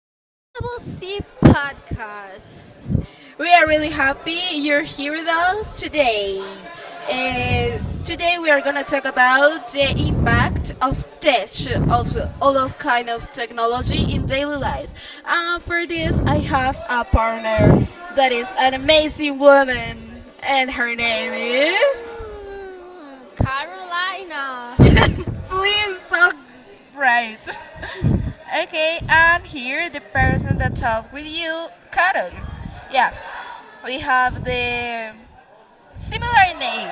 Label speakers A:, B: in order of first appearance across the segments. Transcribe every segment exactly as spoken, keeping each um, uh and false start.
A: All right, Double C podcast.
B: We are really happy you're here with us today. Uh, today we are gonna talk about the impact of tech, of all of kind of technology in daily life. Uh, for this, I have a partner that is an amazing woman, and her name is.
A: Ooh, Carolina.
B: Please talk right. Okay, and here the person that talked with you, Carol. Yeah, we have the similar name.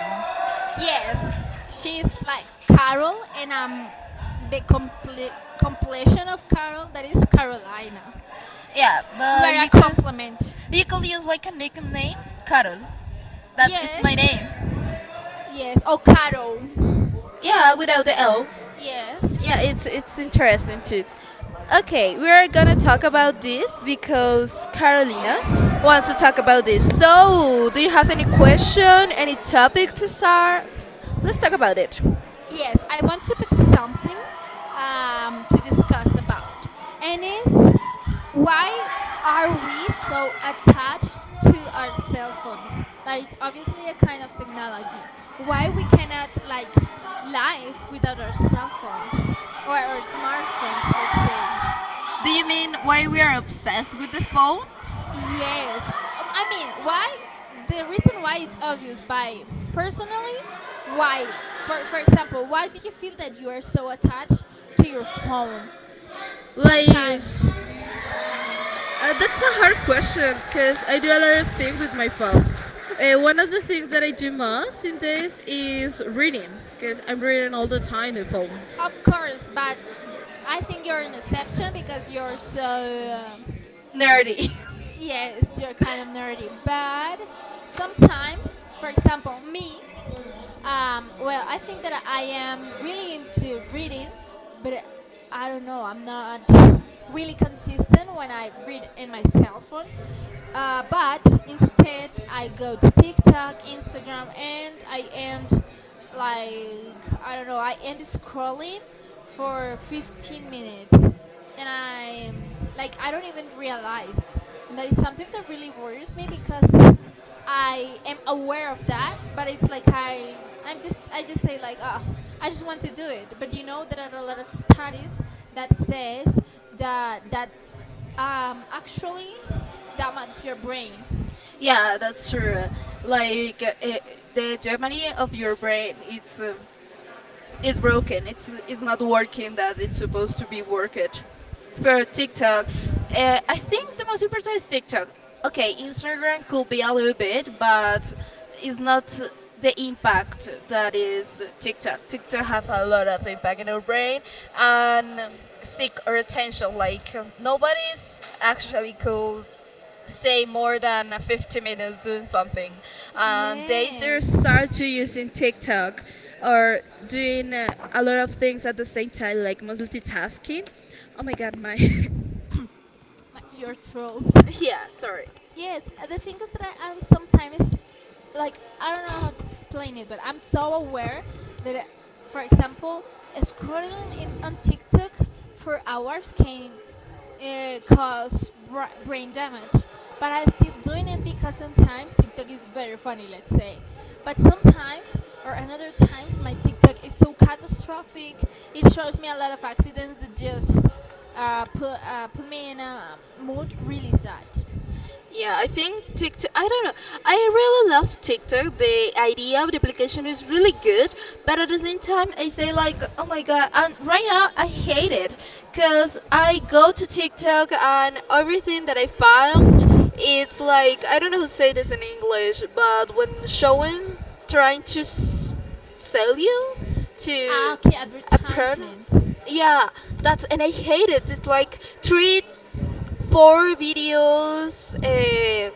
A: Yes, she's like Carol, and I'm the comple- completion of Carol. That is Carolina.
B: Yeah,
A: You
B: but
A: are a
B: you could
A: compliment.
B: you could use like a nickname, Carol. That it's my
A: Yes.
B: name.
A: Yes. Oh, Carol.
B: Yeah, without the L.
A: Yes.
B: Yeah, it's it's interesting too. Okay, we are gonna talk about this because Carolina wants to talk about this. So, do you have any question, any topic to start? Let's talk about it.
A: Yes, I want to put something um, to discuss about, and is why are we so attached to our cell phones? That it's obviously a kind of technology. Why we cannot like live without our cell phones or our smartphones, let's say?
B: Do you mean why we are obsessed with the phone?
A: Yes. Um, I mean, why? The reason why is obvious, but personally, why? For, for example, why do you feel that you are so attached to your phone
B: Like,
A: sometimes?
B: uh, that's a hard question because I do a lot of things with my phone. Uh, one of the things that I do most in this is reading because I'm reading all the time the phone.
A: Of course, but I think you're an exception because you're so, uh,
B: Nerdy.
A: yes, you're kind of nerdy. But sometimes, for example, me, Um, well, I think that I am really into reading, but I don't know. I'm not really consistent when I read in my cell phone. Uh, but instead, I go to TikTok, Instagram, and I end like I don't know. I end scrolling for fifteen minutes, and I like I don't even realize, and that is something that really worries me because I am aware of that, but it's like I I'm just I just say like oh I just want to do it, but you know there are a lot of studies that says that that um, actually damages your brain.
B: Yeah, that's true. Like uh, uh, the Germany of your brain, it's um, it's broken. It's it's not working that it's supposed to be worked. For TikTok, uh, I think the most important is TikTok. Okay, Instagram could be a little bit, but it's not the impact that is TikTok. TikTok have a lot of impact in our brain and seek our attention. Like nobody's actually could stay more than fifty minutes doing something and they just
A: Yes,
B: start to using tiktok or doing uh, a lot of things at the same time like multitasking oh my god my
A: My, your throat.
B: yeah sorry.
A: Yes, uh, the thing is that I, I sometimes like I don't know how to explain it, but I'm so aware that, uh, for example, scrolling in, on TikTok for hours can uh, cause bra- brain damage, but I'm still doing it because sometimes TikTok is very funny, let's say. But sometimes, or another times, my TikTok is so catastrophic. It shows me a lot of accidents that just uh, put uh, put me in a um, mood really sad.
B: Yeah, I think TikTok. I don't know. I really love TikTok. The idea of the application is really good, but at the same time, I say like, oh my god! And right now, I hate it because I go to TikTok and everything that I found, it's like I don't know how to say this in English, but when showing, trying to s- sell you
A: Ah,
B: to
A: okay,
B: a product.
A: advertisement.
B: Yeah, that's and I hate it. It's like three four videos uh,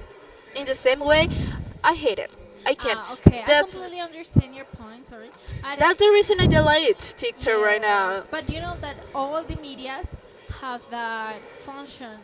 B: in the same way, I hate it. I can.
A: Uh, okay,
B: Not
A: I
B: That's
A: completely understand your point. Sorry, but
B: that's the reason
A: uh,
B: I delete TikTok right now.
A: yes, but you know that all the medias have that function.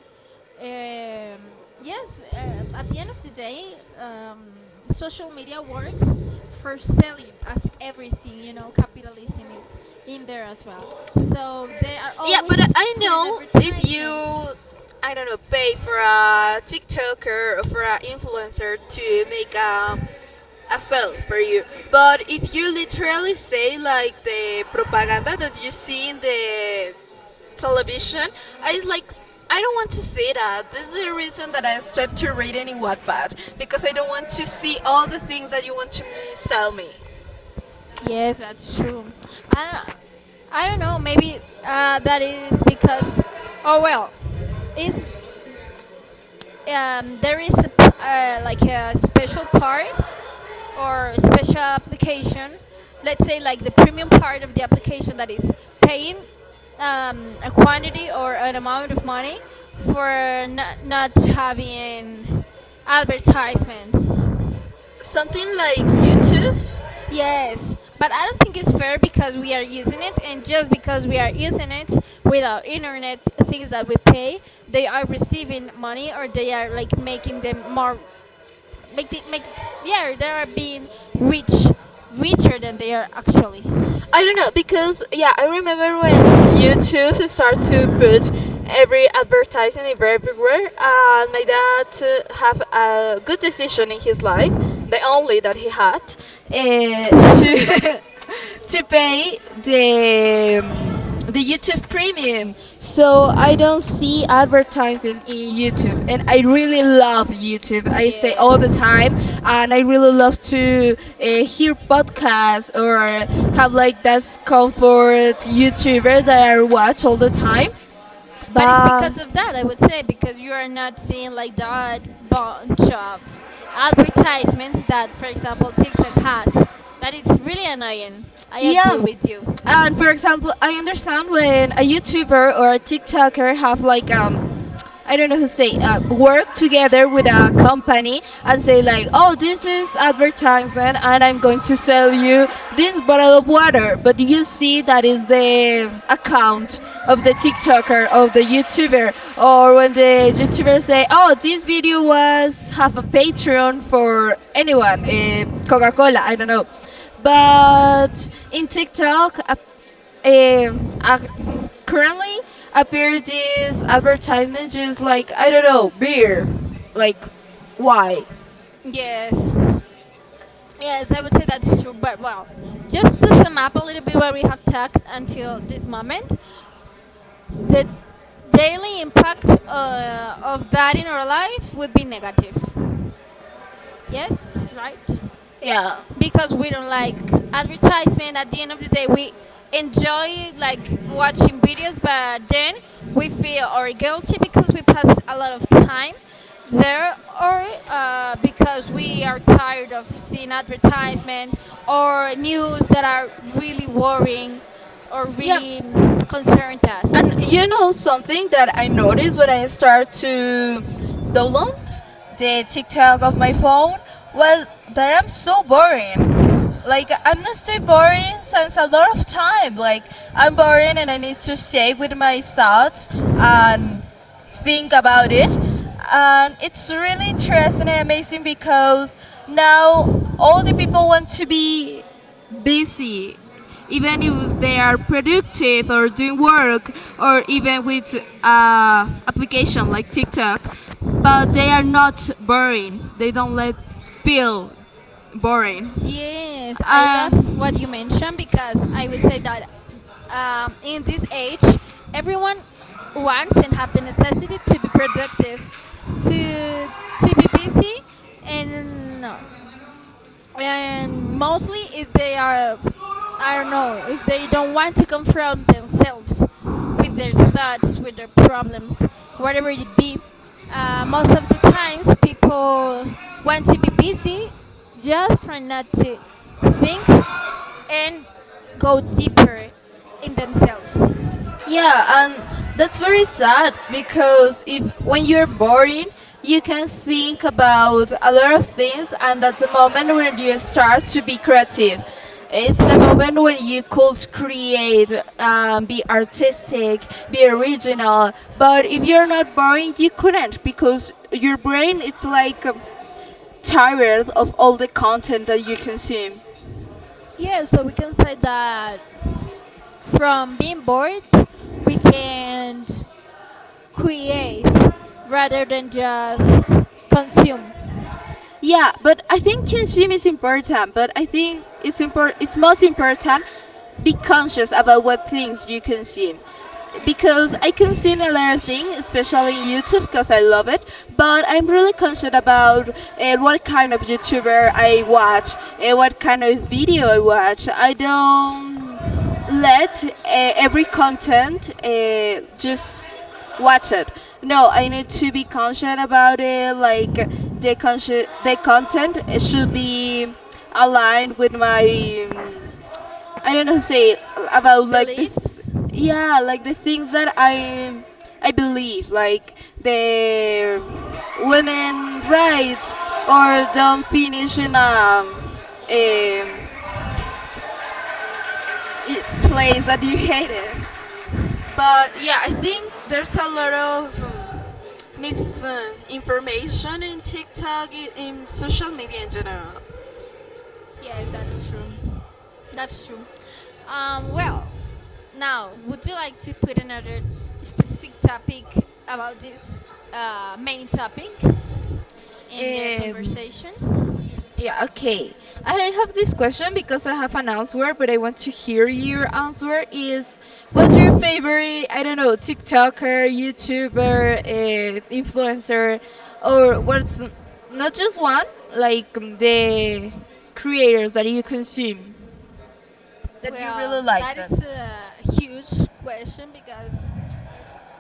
A: Um, yes, um, at the end of the day, um, social media works for selling, as everything you know, capitalism is in there as well. So they are
B: Yeah, but uh,
A: always
B: I
A: putting
B: know if
A: advertisements.
B: you, I don't know, pay for a TikToker or for an influencer to make a, a sale for you. But if you literally say like the propaganda that you see in the television, I was like, I don't want to see that. This is the reason that I stopped to reading in Wattpad because I don't want to see all the things that you want to me- sell me.
A: Yes, that's true. I don't, I don't know. Maybe uh, that is because, oh well, is um, there is a, p- uh, like a special part or special application. Let's say like the premium part of the application that is paying um, a quantity or an amount of money for not, not having advertisements.
B: Something like YouTube.
A: Yes, but I don't think it's fair because we are using it, and just because we are using it without internet things that we pay, they are receiving money or they are like making them more, make the, make yeah, they are being rich, richer than they are actually.
B: I don't know because yeah, I remember when YouTube started to put every advertising ev- everywhere. Uh, my dad uh, have a good decision in his life, the only that he had, uh, to to pay the um, the YouTube Premium. So I don't see advertising in YouTube, and I really love YouTube. I stay all the
A: Yes,
B: time, and I really love to uh, hear podcasts or have like that's comfort YouTubers that I watch all the time.
A: but it's
B: But
A: because of that I would say because you are not seeing like that bunch of advertisements that, for example, TikTok has. That it's really annoying. I agree
B: yeah.
A: with you.
B: And for example, I understand when a YouTuber or a TikToker have like um I don't know who say uh, work together with a company and say like, oh, this is advertisement, and I'm going to sell you this bottle of water. But you see that is the account of the TikToker of the YouTuber, or when the YouTuber say, oh, this video was half a Patreon for anyone, uh, Coca-Cola, I don't know. But in TikTok, a um. uh, currently appear this advertisement just like I don't know beer, like why?
A: Yes, yes, I would say that's true. But well, just to sum up a little bit what we have talked until this moment, the daily impact uh, of that in our life would be negative. Yes, right?
B: Yeah,
A: Because we don't like advertisement. At the end of the day, we enjoy like watching videos, but then we feel or guilty because we pass a lot of time there, or uh, because we are tired of seeing advertisement or news that are really worrying or
B: yeah.
A: really concerned
B: And
A: us.
B: you know something that I noticed when I start to download the TikTok of my phone was that I'm so boring. Like I'm not stay boring since a lot of time. Like I'm boring and I need to stay with my thoughts and think about it. And it's really interesting and amazing because now all the people want to be busy, even if they are productive or doing work or even with uh, application like TikTok, but they are not boring. They don't let feel boring.
A: Yes, I love
B: And
A: what you mentioned because I would say that um, in this age, everyone wants and have the necessity to be productive, to to be busy, and no and mostly if they are I don't know if they don't want to confront themselves with their thoughts with their problems whatever it be uh, most of the times people want to be busy just for not to think and go deeper in themselves.
B: yeah, and that's very sad because if when you're boring, you can think about a lot of things, and that's the moment when you start to be creative. It's the moment when you could create, um, be artistic, be original. But if you're not boring, you couldn't because your brain it's like um, tired of all the content that you consume.
A: Yeah, so we can say that from being bored we can create rather than just consume.
B: Yeah, but I think kinship is important, but I think it's impor- it's most important be conscious about what things you consume. Because I consume a lot of things, especially in YouTube, because I love it. But I'm really conscious about uh, what kind of YouTuber I watch, uh, what kind of video I watch. I don't let uh, every content uh, just watch it. No, I need to be conscious about it. Like the consci- the content should be aligned with my um, I don't know how to say it, about like the th-
A: Beliefs?
B: yeah like the things that I I believe like the women rights or don't finish in a, um, I place that you hated. But yeah, I think there's a lot of um, misinformation in TikTok, i- in social media in general.
A: Yes, that's true. That's true. Um, well, now, would you like to put another specific topic about this uh, main topic in the
B: Um,
A: conversation?
B: yeah, okay. I have this question because I have an answer, but I want to hear your answer. Is what's your favorite? I don't know, TikToker, YouTuber, uh, influencer, or what's not just one, like um, the creators that you consume that you
A: Well,
B: really like.
A: that
B: That
A: is a huge question because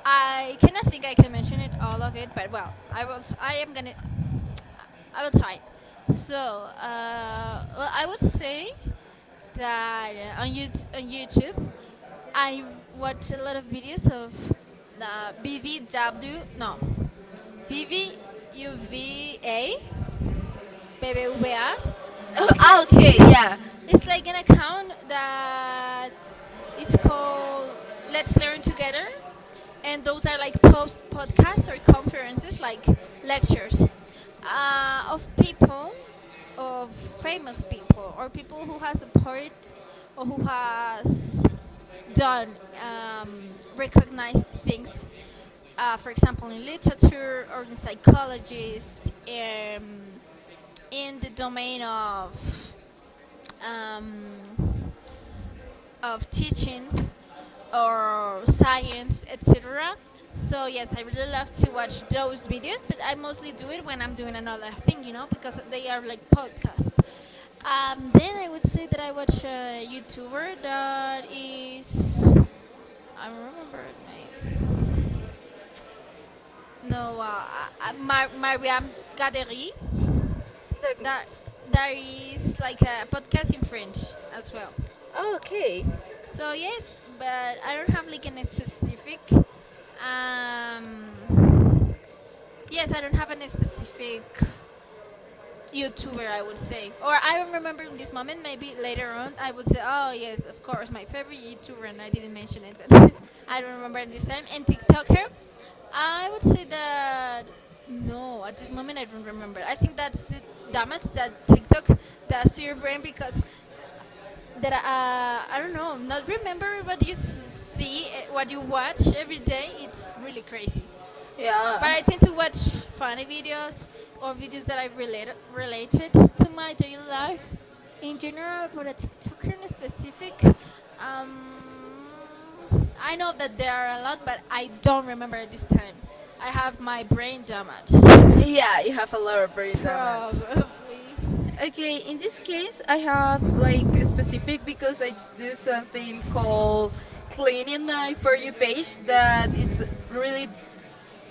A: I cannot think I can mention it all of it, but well, I will. T- I am gonna. I will try. So, uh, well, I would say that uh, on, YouTube, on YouTube, I watch a lot of videos of uh, B V W, no, V V U V A, B B V A. It's
B: Ah,
A: like
B: okay, yeah.
A: it's like an account that it's called Let's Learn Together, and those are like post podcasts or conferences, like lectures uh, of people, of famous people, or people who has supported or who has done um, recognized things. Uh, for example, in literature or in psychologists, um, in the domain of um, of teaching or science, et cetera. So yes, I really love to watch those videos, but I mostly do it when I'm doing another thing, you know, because they are like podcasts. Um, then I would say that I watch a YouTuber that is I don't remember his name. No, uh, uh, Mar- Mariam Gadery.
B: Like,
A: That that is like a podcast in French as well.
B: oh, okay,
A: So yes, but I don't have like an specific. Um, yes, I don't have any specific YouTuber. I would say, or I don't remember in this moment. Maybe later on, I would say, oh yes, of course, my favorite YouTuber, and I didn't mention it, but I don't remember at this time. And TikToker, I would say that no, at this moment I don't remember. I think that's the damage that TikTok does to your brain because that uh, I don't know, not remembering what you s- see, eh, what you watch every day, it's really crazy. But
B: yeah.
A: I tend to watch funny videos or videos that I relate related to my daily life in general, but a TikToker in specific. Um, I know that there are a lot, but I don't remember at this time. I have my brain damaged.
B: Yeah, you have a lot of brain damage.
A: Probably.
B: Okay, in this case, I have like a specific because I do something called cleaning my For You page that is really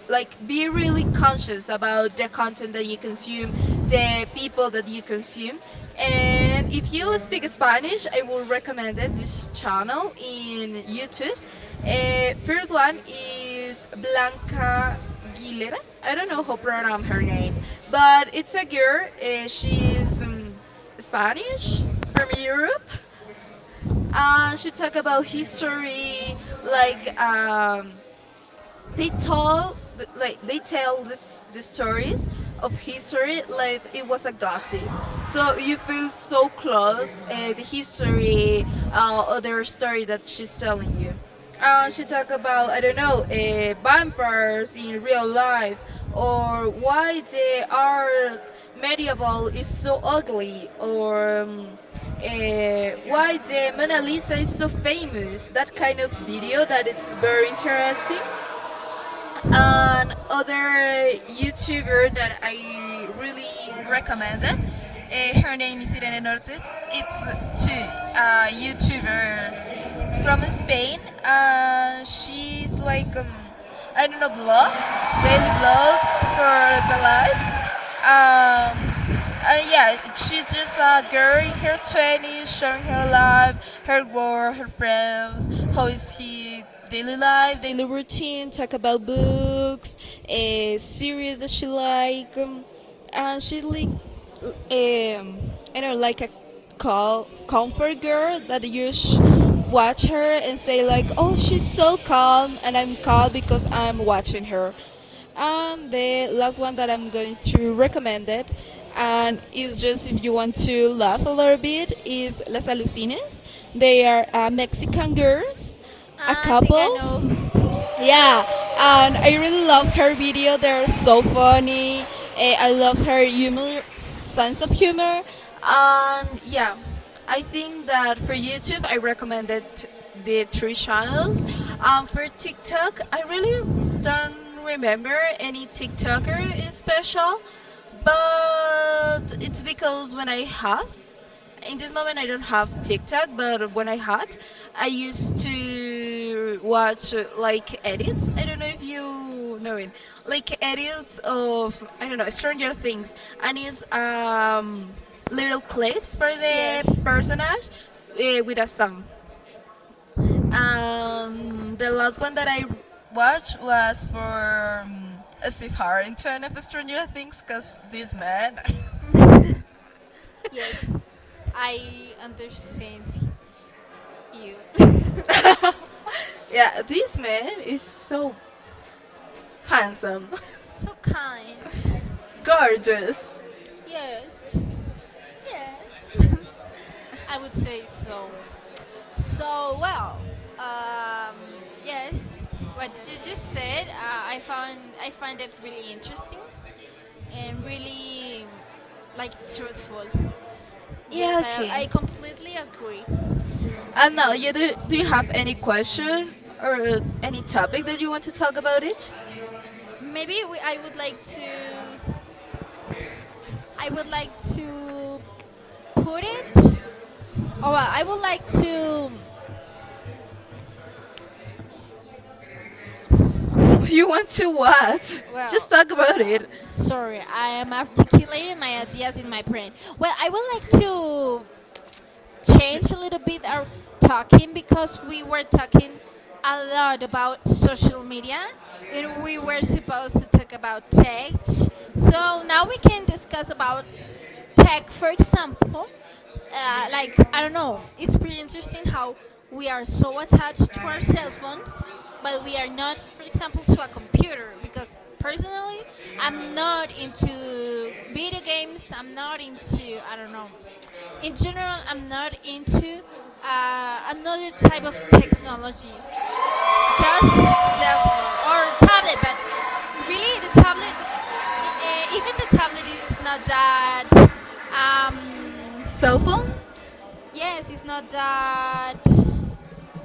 B: like be really conscious about the content that you consume, the people that you consume. And if you speak Spanish, I would recommend it, this channel in YouTube. Uh, first one is Blanca Aguilera. I don't know how to pronounce her name, but it's a girl. Uh, she's um, Spanish from Europe, and she talk about history, like um, they told like they tell this the stories of history like it was a gossip so you feel so close uh, the history uh, other story that she's telling you and she talked about I don't know uh, vampires in real life or why the art medieval is so ugly or um, uh, why the Mona Lisa is so famous. That kind of video that it's very interesting and other YouTuber that I really recommended. Uh, her name is Irene Nortes. It's too a YouTuber from Spain, and uh, she's like um, I don't know blogs, daily blogs for the life um uh, yeah she's just a girl in her twenties showing her life her work her friends how is she daily life daily routine talk about books a series that she like um, and she's like um I don't know like a call comfort girl that you sh- watch her and say like oh she's so calm and I'm calm because I'm watching her and the last one that I'm going to recommend it, and is just if you want to laugh a little bit, is Las Alucines. They are uh, Mexican girls, a
A: I think I
B: couple
A: know.
B: yeah, and I really love her video. They're so funny. Eh, I love her humor, sense of humor, and yeah, I think that for YouTube, I recommended the three channels. Um, for TikTok, I really don't remember any TikToker in special, but it's because when I have in this moment I don't have TikTok, but when I had, I used to watch uh, like edits. I don't know if you know it, like edits of I don't know Stranger Things, and it's um, little clips for the
A: Yes.
B: personage uh, with a song. Um, the last one that I watched was for um, Steve Harrington of Stranger Things, because this man,
A: Yes, I understand you.
B: yeah, this man is so handsome.
A: So kind.
B: Gorgeous.
A: Yes, yes. I would say so. So, well, um, yes, what you just said, uh, I found I find it really interesting and really like truthful.
B: Yeah,
A: Yes, I,
B: okay.
A: I completely agree.
B: And now, you do, do you have any question or uh, any topic that you want to talk about it?
A: Maybe we, I would like to I would like to put it All right, I would like to.
B: you want to what? Just
A: Well,
B: talk about
A: um,
B: it.
A: sorry, I am articulating my ideas in my brain. Well, I would like to change a little bit our talking because we were talking a lot about social media and we were supposed to talk about tech. So now we can discuss about tech, for example, uh, like I don't know, it's pretty interesting how we are so attached to our cell phones, but we are not, for example, to a computer. Because personally, I'm not into video games. I'm not into I don't know. In general, I'm not into uh, another type of technology just cell phone or tablet but really the tablet uh, even the tablet is not that um,
B: Cell phone?
A: yes it's not that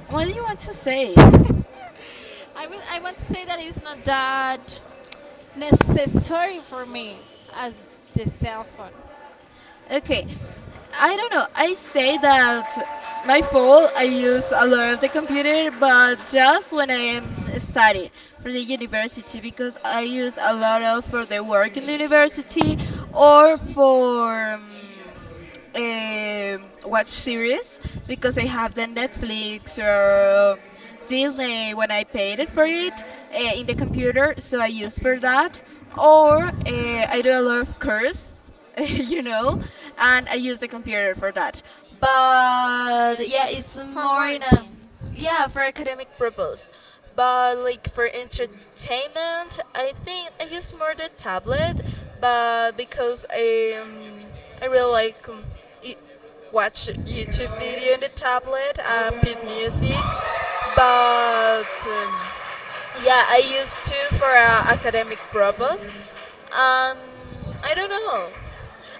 B: What do you want to say it?
A: I, will, I want to say that it's not that necessary for me as the cell phone.
B: Okay. I don't know. I say that my phone, I use a lot of the computer, but just when I am studying for the university because I use a lot of for the work in the university or for um, um, watch series because I have the Netflix or Disney when I paid it for it uh, in the computer, so I use for that. Or uh, I do a lot of curse, you know, and I use the computer for that. But yeah,
A: Yes,
B: it's
A: for
B: more in a
A: working.
B: yeah for academic purpose. But like for entertainment, I think I use more the tablet, but because i um, I really like um, i- watch YouTube video in the tablet and beat music. But um, Yeah, I use two for uh, academic purpose. um I don't know.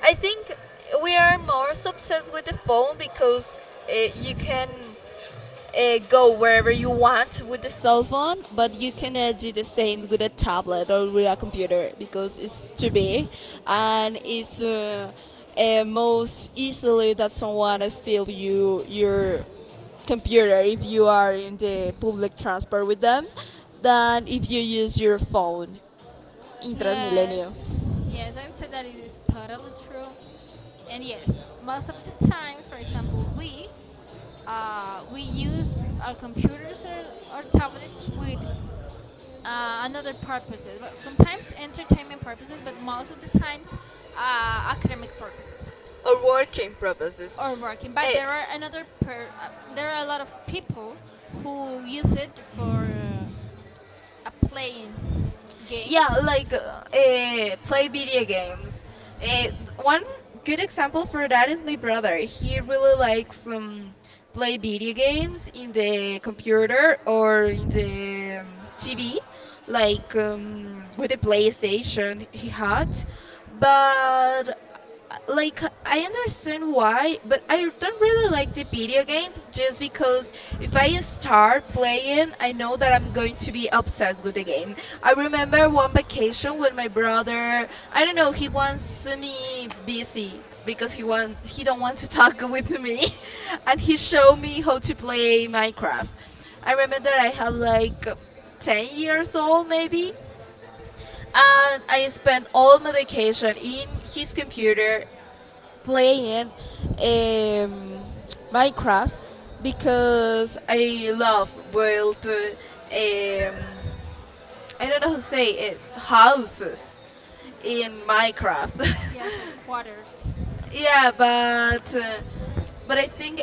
B: I think we are more obsessed with the phone because uh you can uh, go wherever you want with the cell phone, but you cannot do the same with a tablet or with a computer because it's too big. And it's uh, uh, most easily that someone steal you your computer if you are in the public transport with them than if you use your phone in Transmilenio
A: Yes, yes, I would say that it is totally true, and yes most of the time for example we Uh, we use our computers or, or tablets with uh, another purposes, but sometimes entertainment purposes, but most of the times uh, academic purposes
B: or working purposes.
A: or working. But
B: Eh,
A: there are another per, uh, there are a lot of people who use it for uh, uh, playing
B: Yeah,
A: games.
B: like uh, eh, play video games. Eh, One good example for that is my brother. He really likes um, play video games in the computer or in the um, T V, like um, with the PlayStation he had. But like I understand why, but I don't really like the video games just because if I start playing, I know that I'm going to be obsessed with the game. I remember one vacation when my brother, I don't know, he wants me busy because he want he don't want to talk with me and he showed me how to play Minecraft. I remember that I have like ten years old maybe, and I spent all my vacation in his computer playing um, Minecraft, because I love build uh, um, I don't know how to say it, houses in Minecraft.
A: Yes, like quarters.
B: Yeah, but uh, but I think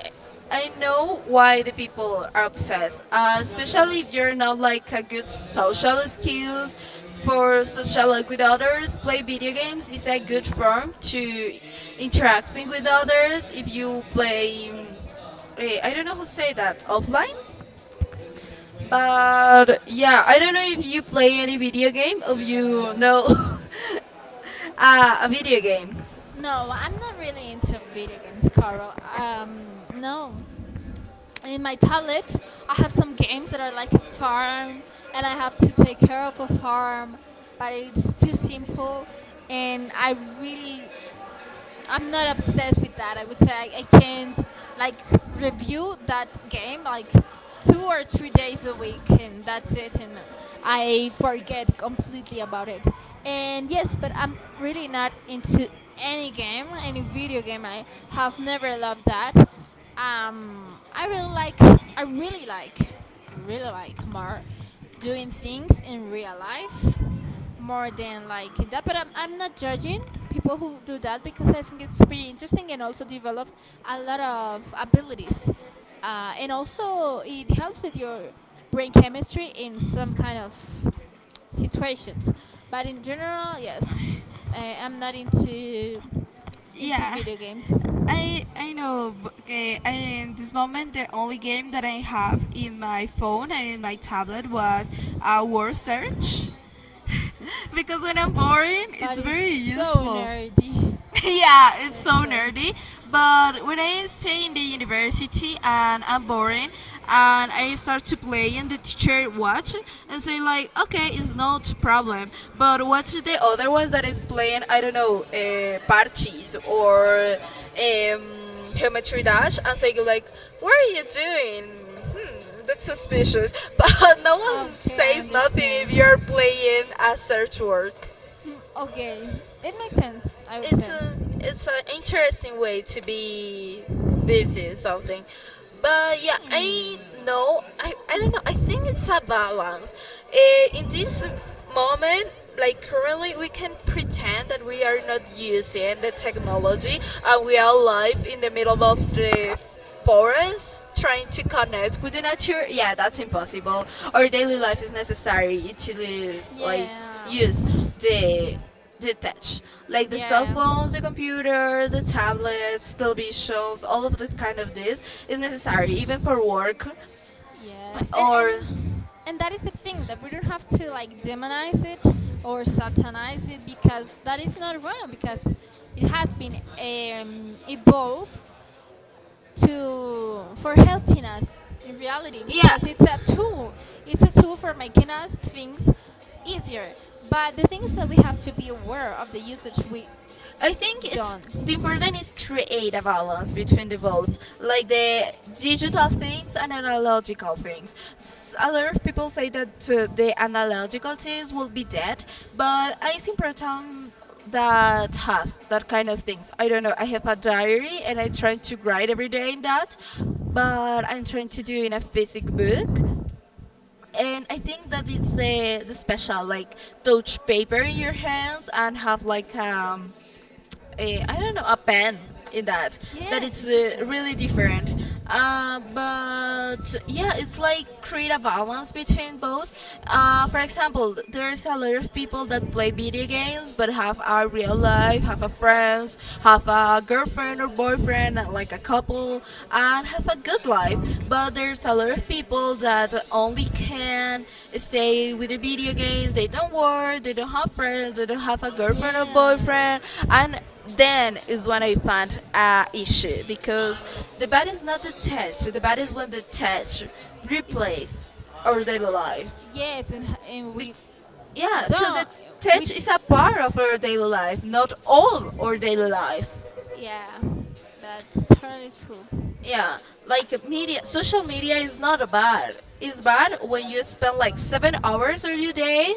B: I know why the people are obsessed. Uh, especially if you're not like a good social skills for social with others. Play video games is a good form to interacting with others. If you play, um, eh, I don't know who say that offline. But yeah, I don't know if you play any video game. If you know uh, a video game.
A: No, I'm not really into video games, Carl. Um, no. In my tablet I have some games that are like a farm and I have to take care of a farm but it's too simple and I really I'm not obsessed with that. I would say I, I can't like review that game like two or three days a week and that's it and I forget completely about it. And yes, but I'm really not into any game, any video game. I have never loved that. Um I really like I really like really like more doing things in real life more than liking that but I'm, I'm not judging people who do that because I think it's pretty interesting and also develop a lot of abilities uh, and also it helps with your brain chemistry in some kind of situations but in general yes I, I'm not into into
B: Yeah.
A: video games.
B: I I know. But, okay, I, in this moment, the only game that I have in my phone and in my tablet was a word search, because when I'm boring,
A: But
B: it's
A: it's
B: very
A: so
B: useful.
A: nerdy,
B: Yeah, it's
A: let's
B: so
A: say.
B: nerdy. But when I stay in the university and I'm boring, and I start to play, and the teacher watch and say like, okay, it's not problem. But watch the other ones that is playing, I don't know, uh, parches or um, geometry dash, and say like, what are you doing? Hmm, that's suspicious. But no one
A: Okay I
B: says nothing if you're
A: understand.
B: playing a search word.
A: Mm, okay it makes sense I would
B: It's
A: say.
B: a, it's an interesting way to be busy or something. But yeah, i
A: Hmm.
B: know i, I don't know, I think it's a balance. Eh, in this moment, like currently we can pretend that we are not using the technology and we are live in the middle of the forest trying to connect with the nature. Yeah, that's impossible. Our daily life is necessary to like
A: Yeah.
B: use the detach, like the cell
A: Yeah.
B: phones, the computers, the tablets, televisions, all of the kind of this is necessary even for work
A: Yes. And and
B: or
A: and that is the thing that we don't have to like demonize it or satanize it because that is not wrong because it has been um, evolved to for helping us in reality
B: yeah.
A: because it's a tool. It's a tool for making us things easier. But the thing is that we have to be aware of the usage we
B: I think it's the
A: done.
B: important is create a balance between the both, like the digital things and analogical things. S- A lot of people say that uh, the analogical things will be dead, but I think important that has that kind of things. I don't know. I have a diary and I try to write every day in that, but I'm trying to do in a physic book. And I think that it's the the special like touch paper in your hands and have like um a, I don't know, a pen in that, that
A: Yes,
B: it's
A: it's
B: uh,
A: different.
B: really different. Uh, but yeah, it's like create a balance between both. Uh, for example, there's a lot of people that play video games but have a real life, have a friends, have a girlfriend or boyfriend, uh, like a couple, and have a good life. But there's a lot of people that only can stay with the video games. They don't work. They don't have friends. They don't have a girlfriend or boyfriend,
A: Yes.
B: and then is when I found a issue because the body is not detached. The body is when detached, replace
A: It's
B: our daily life.
A: Yes, and, and
B: Be-
A: we
B: yeah, because the
A: don't. We
B: touch is a part of our daily life, not all our daily life.
A: yeah, that's totally true.
B: Yeah, like media, social media is not bad. It's bad when you spend like seven hours of your day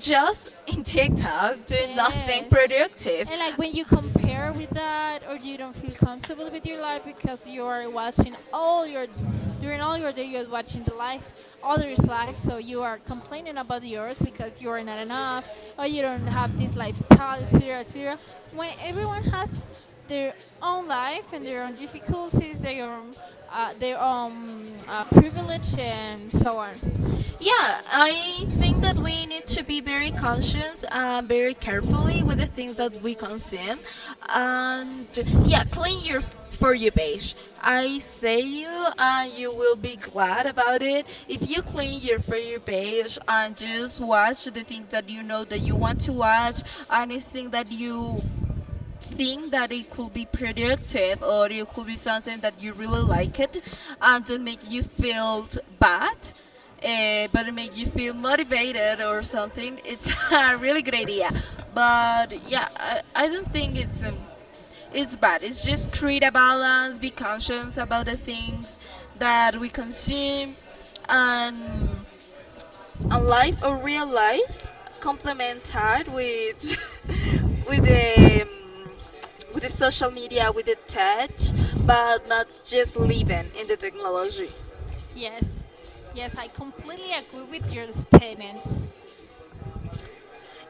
B: just in TikTok doing nothing
A: Yes.
B: productive.
A: And like when you compare with that or you don't feel comfortable with your life because you are watching all your during all your day you're watching the life others' life so you are complaining about yours because you are not enough or you don't have this lifestyle, et cetera et cetera. When everyone has their own life and their own difficulties, their own uh, their own uh, privilege and so on.
B: Yeah, I think that we need to be very conscious and very carefully with the things that we consume. And yeah, clean your for you page. I say you, and you will be glad about it. If you clean your for you page and just watch the things that you know that you want to watch, anything that you think that it could be productive or it could be something that you really like it and don't make you feel bad, uh, but it make you feel motivated or something, it's a really great idea. But yeah, i, I don't think it's um, it's bad. It's just create a balance, be conscious about the things that we consume and a life, a real life complemented with with the um, with the social media, with the tech, but not just living in the technology.
A: Yes. Yes, I completely agree with your statements.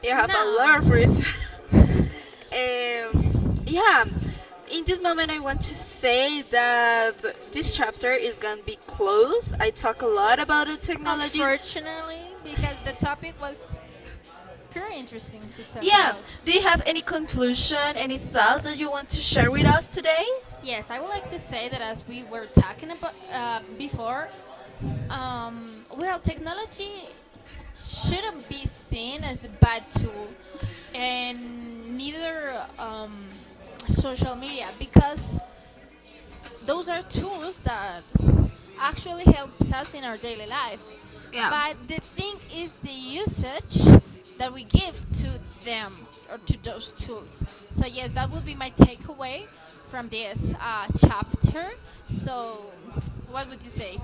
B: You have a lot of
A: No,
B: reasons. um, yeah, in this moment I want to say that this chapter is gonna be closed. I talk a lot about the technology.
A: unfortunately, because the topic was pretty interesting to talk
B: Yeah,
A: about.
B: do you have any conclusion, any thoughts that you want to share with us today?
A: Yes, I would like to say that as we were talking about uh, before, um, well, technology shouldn't be seen as a bad tool, and neither um, social media, because those are tools that actually helps us in our daily life.
B: Yeah.
A: But the thing is the usage that we give to them or to those tools. So yes, that would be my takeaway from this uh, chapter. So what would you say?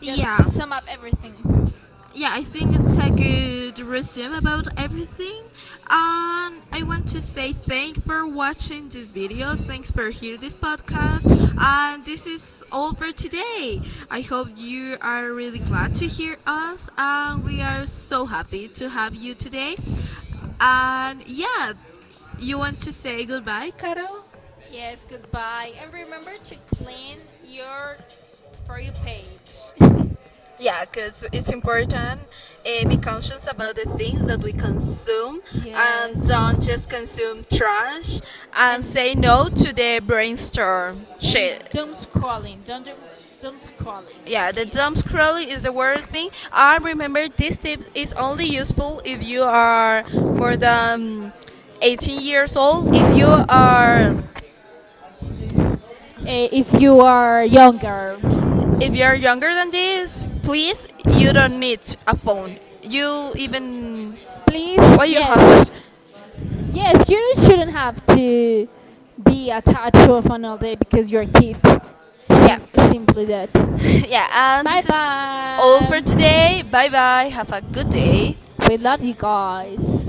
A: Just to
B: Yeah,
A: sum up everything.
B: yeah, I think it's a good resume about everything. And I want to say thank for watching this video. Thanks for hearing this podcast. And this is all for today. I hope you are really glad to hear us. And we are so happy to have you today. And yeah, you want to say goodbye, Caro?
A: Yes, goodbye. And remember to clean your for you page.
B: Yeah, because it's important uh, be conscious about the things that we consume and don't
A: Yes.
B: just consume trash and
A: And
B: say no to the brainstorm
A: And
B: shit.
A: doom scrolling, don't do doom scrolling,
B: Yeah, the dumb
A: please.
B: scrolling is the worst thing. And remember this tip is only useful if you are more than eighteen years old. If you are
A: Eh, if you are younger,
B: if you are younger than this, please you don't need a phone. You even
A: please,
B: why you have
A: yes,
B: that?
A: yes, you shouldn't have to be attached to a phone all day because you're a kid.
B: Yeah.
A: Sim- simply that.
B: Yeah, and
A: Bye
B: this is all for today.
A: bye.
B: Bye bye. Have a good day.
A: We love you guys.